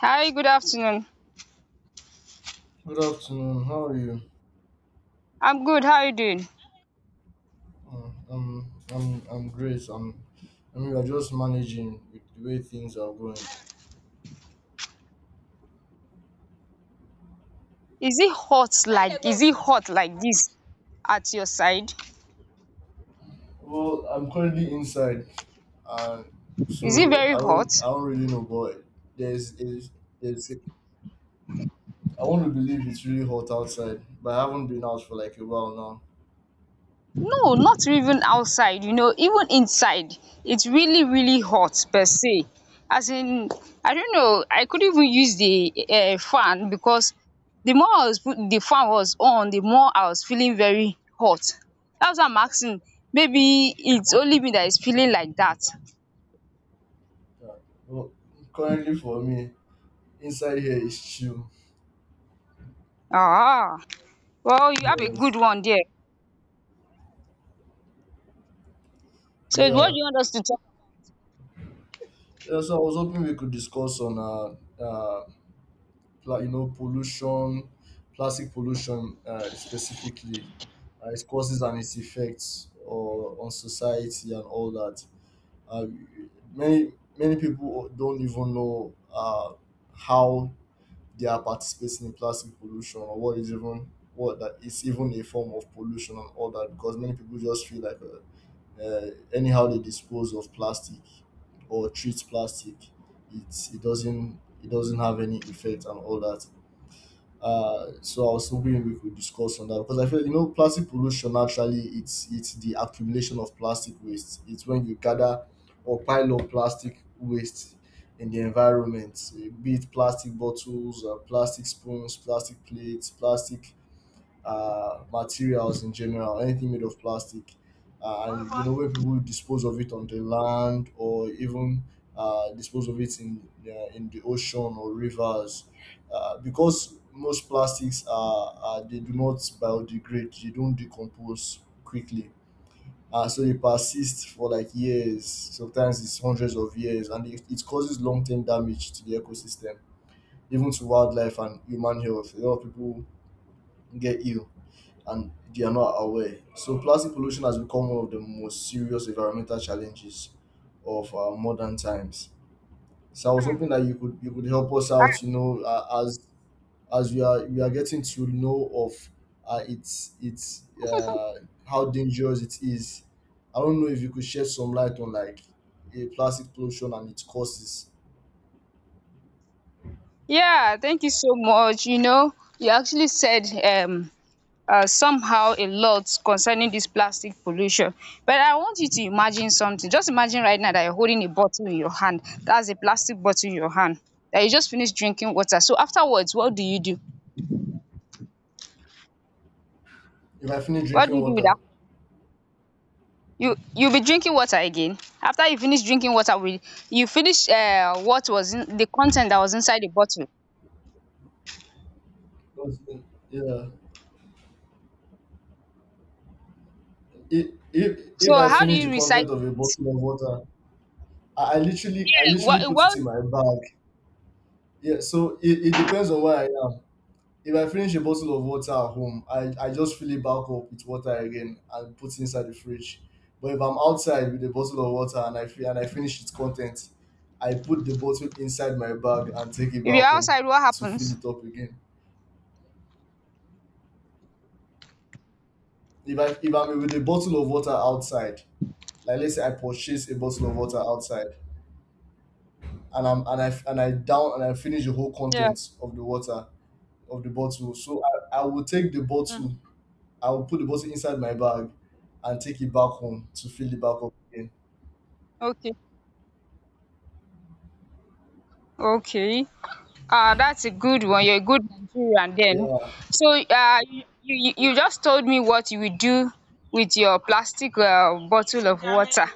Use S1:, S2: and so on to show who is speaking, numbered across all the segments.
S1: Hi, good afternoon.
S2: Good afternoon. How are you?
S1: I'm good. How are you doing?
S2: I'm great. I mean, we're just managing with the way things are going.
S1: Is it hot, like is it hot like this at your side?
S2: Well, I'm currently inside, and
S1: Is it
S2: so
S1: very
S2: I
S1: hot?
S2: don't I don't really know, but there's is there's a- I want to believe it's really hot outside, but I haven't been out for like a while now.
S1: No, not even outside, even inside. It's really, really hot per se. As in, I don't know, I couldn't even use the fan, because the more I was put, the fan was on, the more I was feeling very hot. That's why I'm asking. Maybe it's only me that is feeling like that.
S2: Yeah. Well, currently for me, inside here is chill.
S1: Ah, well, you have a good
S2: Yes.
S1: one there. So what
S2: Yeah.
S1: do you want us to talk?
S2: Yeah. So I was hoping we could discuss on uh pollution, plastic pollution specifically, its causes and its effects or on society and all that. Uh, many many people don't even know how they are participating in plastic pollution or what is even what that is even a form of pollution and all that, because many people just feel like anyhow they dispose of plastic or treat plastic, it doesn't have any effect and all that. So I was hoping we could discuss on that, because I feel you know plastic pollution, actually it's the accumulation of plastic waste. It's when you gather or pile up plastic waste in the environment, eh, be it plastic bottles, plastic spoons, plastic plates, plastic materials in general, anything made of plastic. And you know, when people dispose of it on the land or even dispose of it in the ocean or rivers, because most plastics are they do not biodegrade, they don't decompose quickly. So they persist for like years, sometimes it's hundreds of years, and it causes long term damage to the ecosystem, even to wildlife and human health. A lot of people get ill and they are not aware. So plastic pollution has become one of the most serious environmental challenges of our modern times. So I was hoping that you could help us out. You know, as we are getting to know of its how dangerous it is. I don't know if you could shed some light on like a plastic pollution and its causes.
S1: Yeah, thank you so much. You actually said somehow a lot concerning this plastic pollution. But I want you to imagine something. Just imagine right now that you're holding a bottle in your hand. That's a plastic bottle in your hand. That you just finished drinking water. So afterwards, what do you do?
S2: If I finish
S1: What do
S2: drinking
S1: you do with
S2: water,
S1: that? You'll be drinking water again. After you finish drinking water, with you finish what was in the content that was inside the bottle.
S2: that's- yeah. If, if
S1: So
S2: if I
S1: how do
S2: finish
S1: you
S2: the content
S1: recycle
S2: of a
S1: it?
S2: bottle of water, I I literally, I
S1: Eh, What
S2: literally put it
S1: what
S2: in my bag. Yeah, so it depends on where I am. If I finish a bottle of water at home, I just fill it back up with water again and put it inside the fridge. But if I'm outside with a bottle of water and I finish its content, I put the bottle inside my bag and take it
S1: if
S2: back
S1: you're
S2: home
S1: outside, what
S2: to fill
S1: happens?
S2: it up again. If I'm with a bottle of water outside, like let's say I purchase a bottle of water outside and I down and I finish the whole
S1: Yeah.
S2: contents of the water, of the bottle. So I will take the
S1: Mm.
S2: bottle, I will put the bottle inside my bag and take it back home to fill it back up again.
S1: Okay. Okay. That's a good one. You're a good Nigerian then.
S2: Yeah,
S1: So you just told me what you would do with your plastic bottle of water.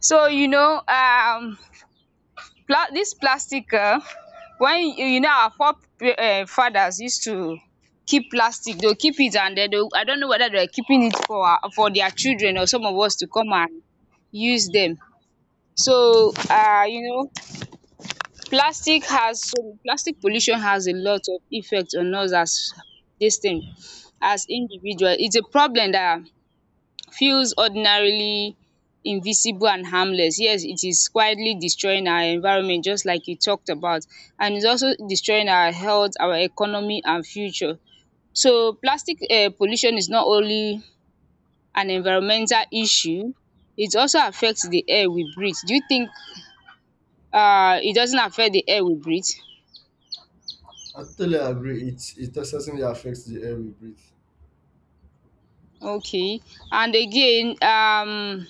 S1: So, this plastic, when our forefathers used to keep plastic, they'll keep it, and then they'll, I don't know whether they're keeping it for, for their children or some of us to come and use them. So plastic pollution has a lot of effect on us as dis thing as individual. It's a problem that feels ordinarily invisible and harmless. Yes, it is quietly destroying our environment, just like you talked about, and it's also destroying our health, our economy and future. So plastic pollution is not only an environmental issue, it also affects the air we breathe. Do you think it doesn't affect the air we breathe?
S2: I totally agree. It certainly affects the air we breathe.
S1: Okay. And again,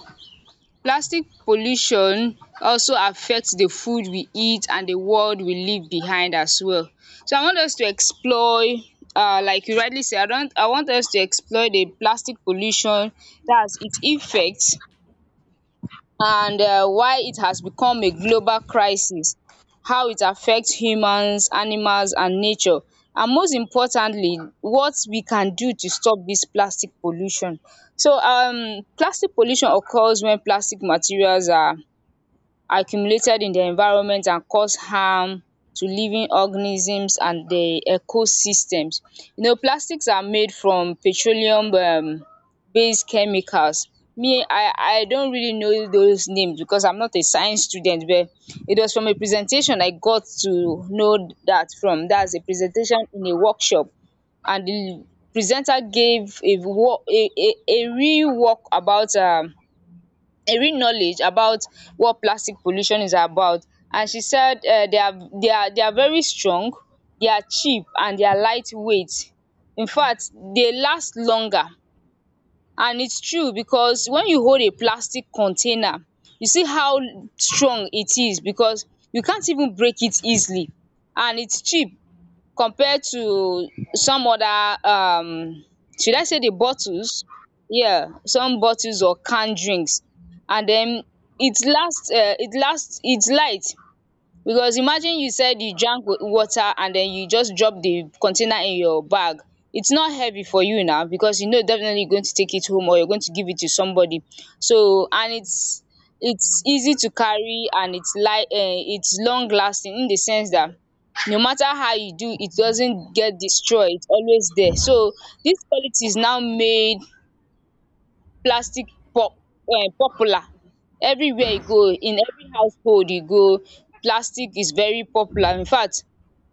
S1: plastic pollution also affect the food we eat and the world we leave behind as well. So I want us to explore, like you rightly said. I don't, I want us to explore the plastic pollution, dats its effect, and why it has become a global crisis, how it affects humans, animals and nature, and most importantly, what we can do to stop this plastic pollution. So plastic pollution occurs when plastic materials are accumulated in the environment and cause harm to living organisms and the ecosystems. You know, plastics are made from petroleum based chemicals. Me, I don't really know those names because I'm not a science student, but it was from a presentation I got to know that from. That's a presentation in a workshop, and the presenter gave a real work about a real knowledge about what plastic pollution is about. And she said, they are very strong, they are cheap and they are lightweight. Infact, they last longer, and its true because when you hold a plastic container you see how strong it is, because you can't even break it easily, and its cheap compared to some other should I say the bottles, yeah, some bottles or canned drinks. And then it last, it's light, because imagine you said you drank water and then you just drop the container in your bag, it's not heavy for you now because you know definitely you're going to take it home or you're going to give it to somebody. So and it's easy to carry and it's light, it's long lasting, in the sense that no matter how you do, it doesn't get destroyed, it's always there. So this quality is now made plastic pop popular. Everywhere you go, in every household you go, plastic is very popular. Infact,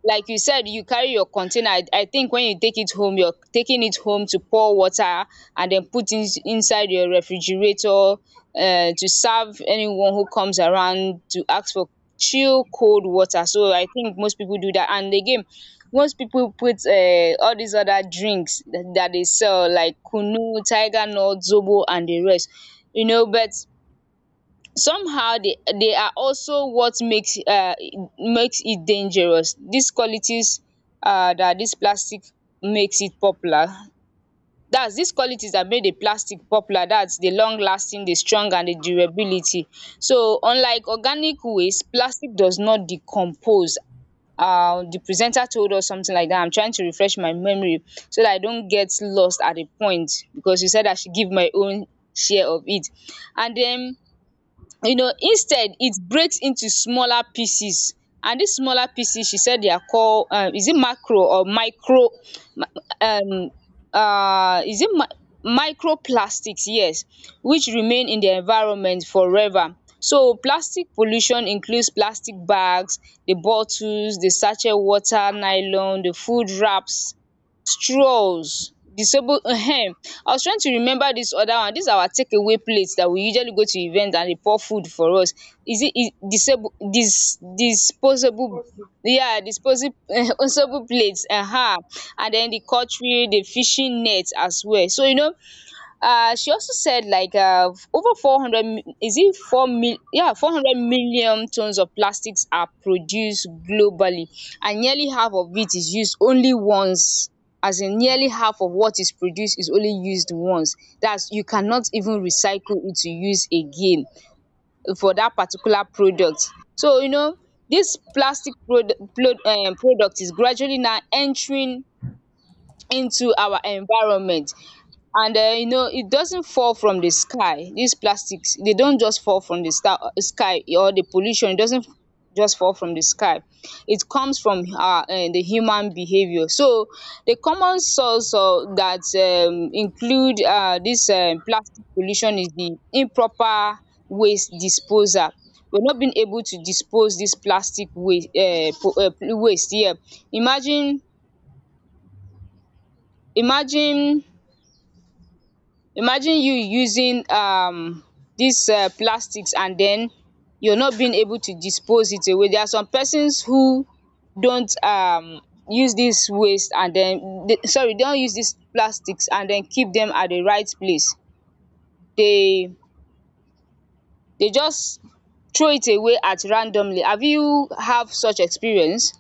S1: like you said, you carry your container. I think when you take it home, you're taking it home to pour water and then put it inside your refrigerator, to serve anyone who comes around to ask for chill cold water. So I think most people do that, and again, most people put all these other drinks that they sell, like kunu, tiger nut, zobo and the rest, you know. But somehow they are also what makes makes it dangerous, these qualities, that this plastic, makes it popular. That's these qualities that made the plastic popular, that's the long lasting, the strong and the durability. So unlike organic waste, plastic does not decompose. The presenter told us something like that, I'm trying to refresh my memory so that I don't get lost at a point, because she said I should give my own share of it. And then, you know, instead it breaks into smaller pieces, and this smaller pieces, she said they are called, is it macro or micro, um is it microplastics, yes, which remain in the environment forever. So plastic pollution includes plastic bags, the bottles, the sachet water, nylon, the food wraps, straws, disable, I was trying to remember this other one, this our takeaway plate that we usually go to event and dey pour food for us, is it is disable, disposable, yeah, disposable plate. And then the cutlery, the fishing net as well. So you know, she also said like over 400 mi- is it 4 mil- yeah 400 million tons of plastics are produced globally, and nearly half of it is used only once. As in, nearly half of what is produced is only used once, that's you cannot even recycle it to use again for that particular product. So you know, this plastic product, product is gradually now entering into our environment. And you know it doesn't fall from the sky, these plastics, they don't just fall from the star sky, or the pollution, it doesn't just fall from the sky, it comes from our the human behaviour. So the common source that include this plastic pollution is the improper waste disposal, we're not being able to dispose this plastic waste, waste here. Imagine, imagine you using this plastics and den you're not being able to dispose it away. There are some persons who don't use this waste and den, sorry, they don't use this plastics and den keep them at the right place. they they just throw it away at randomly. Have you have such experience?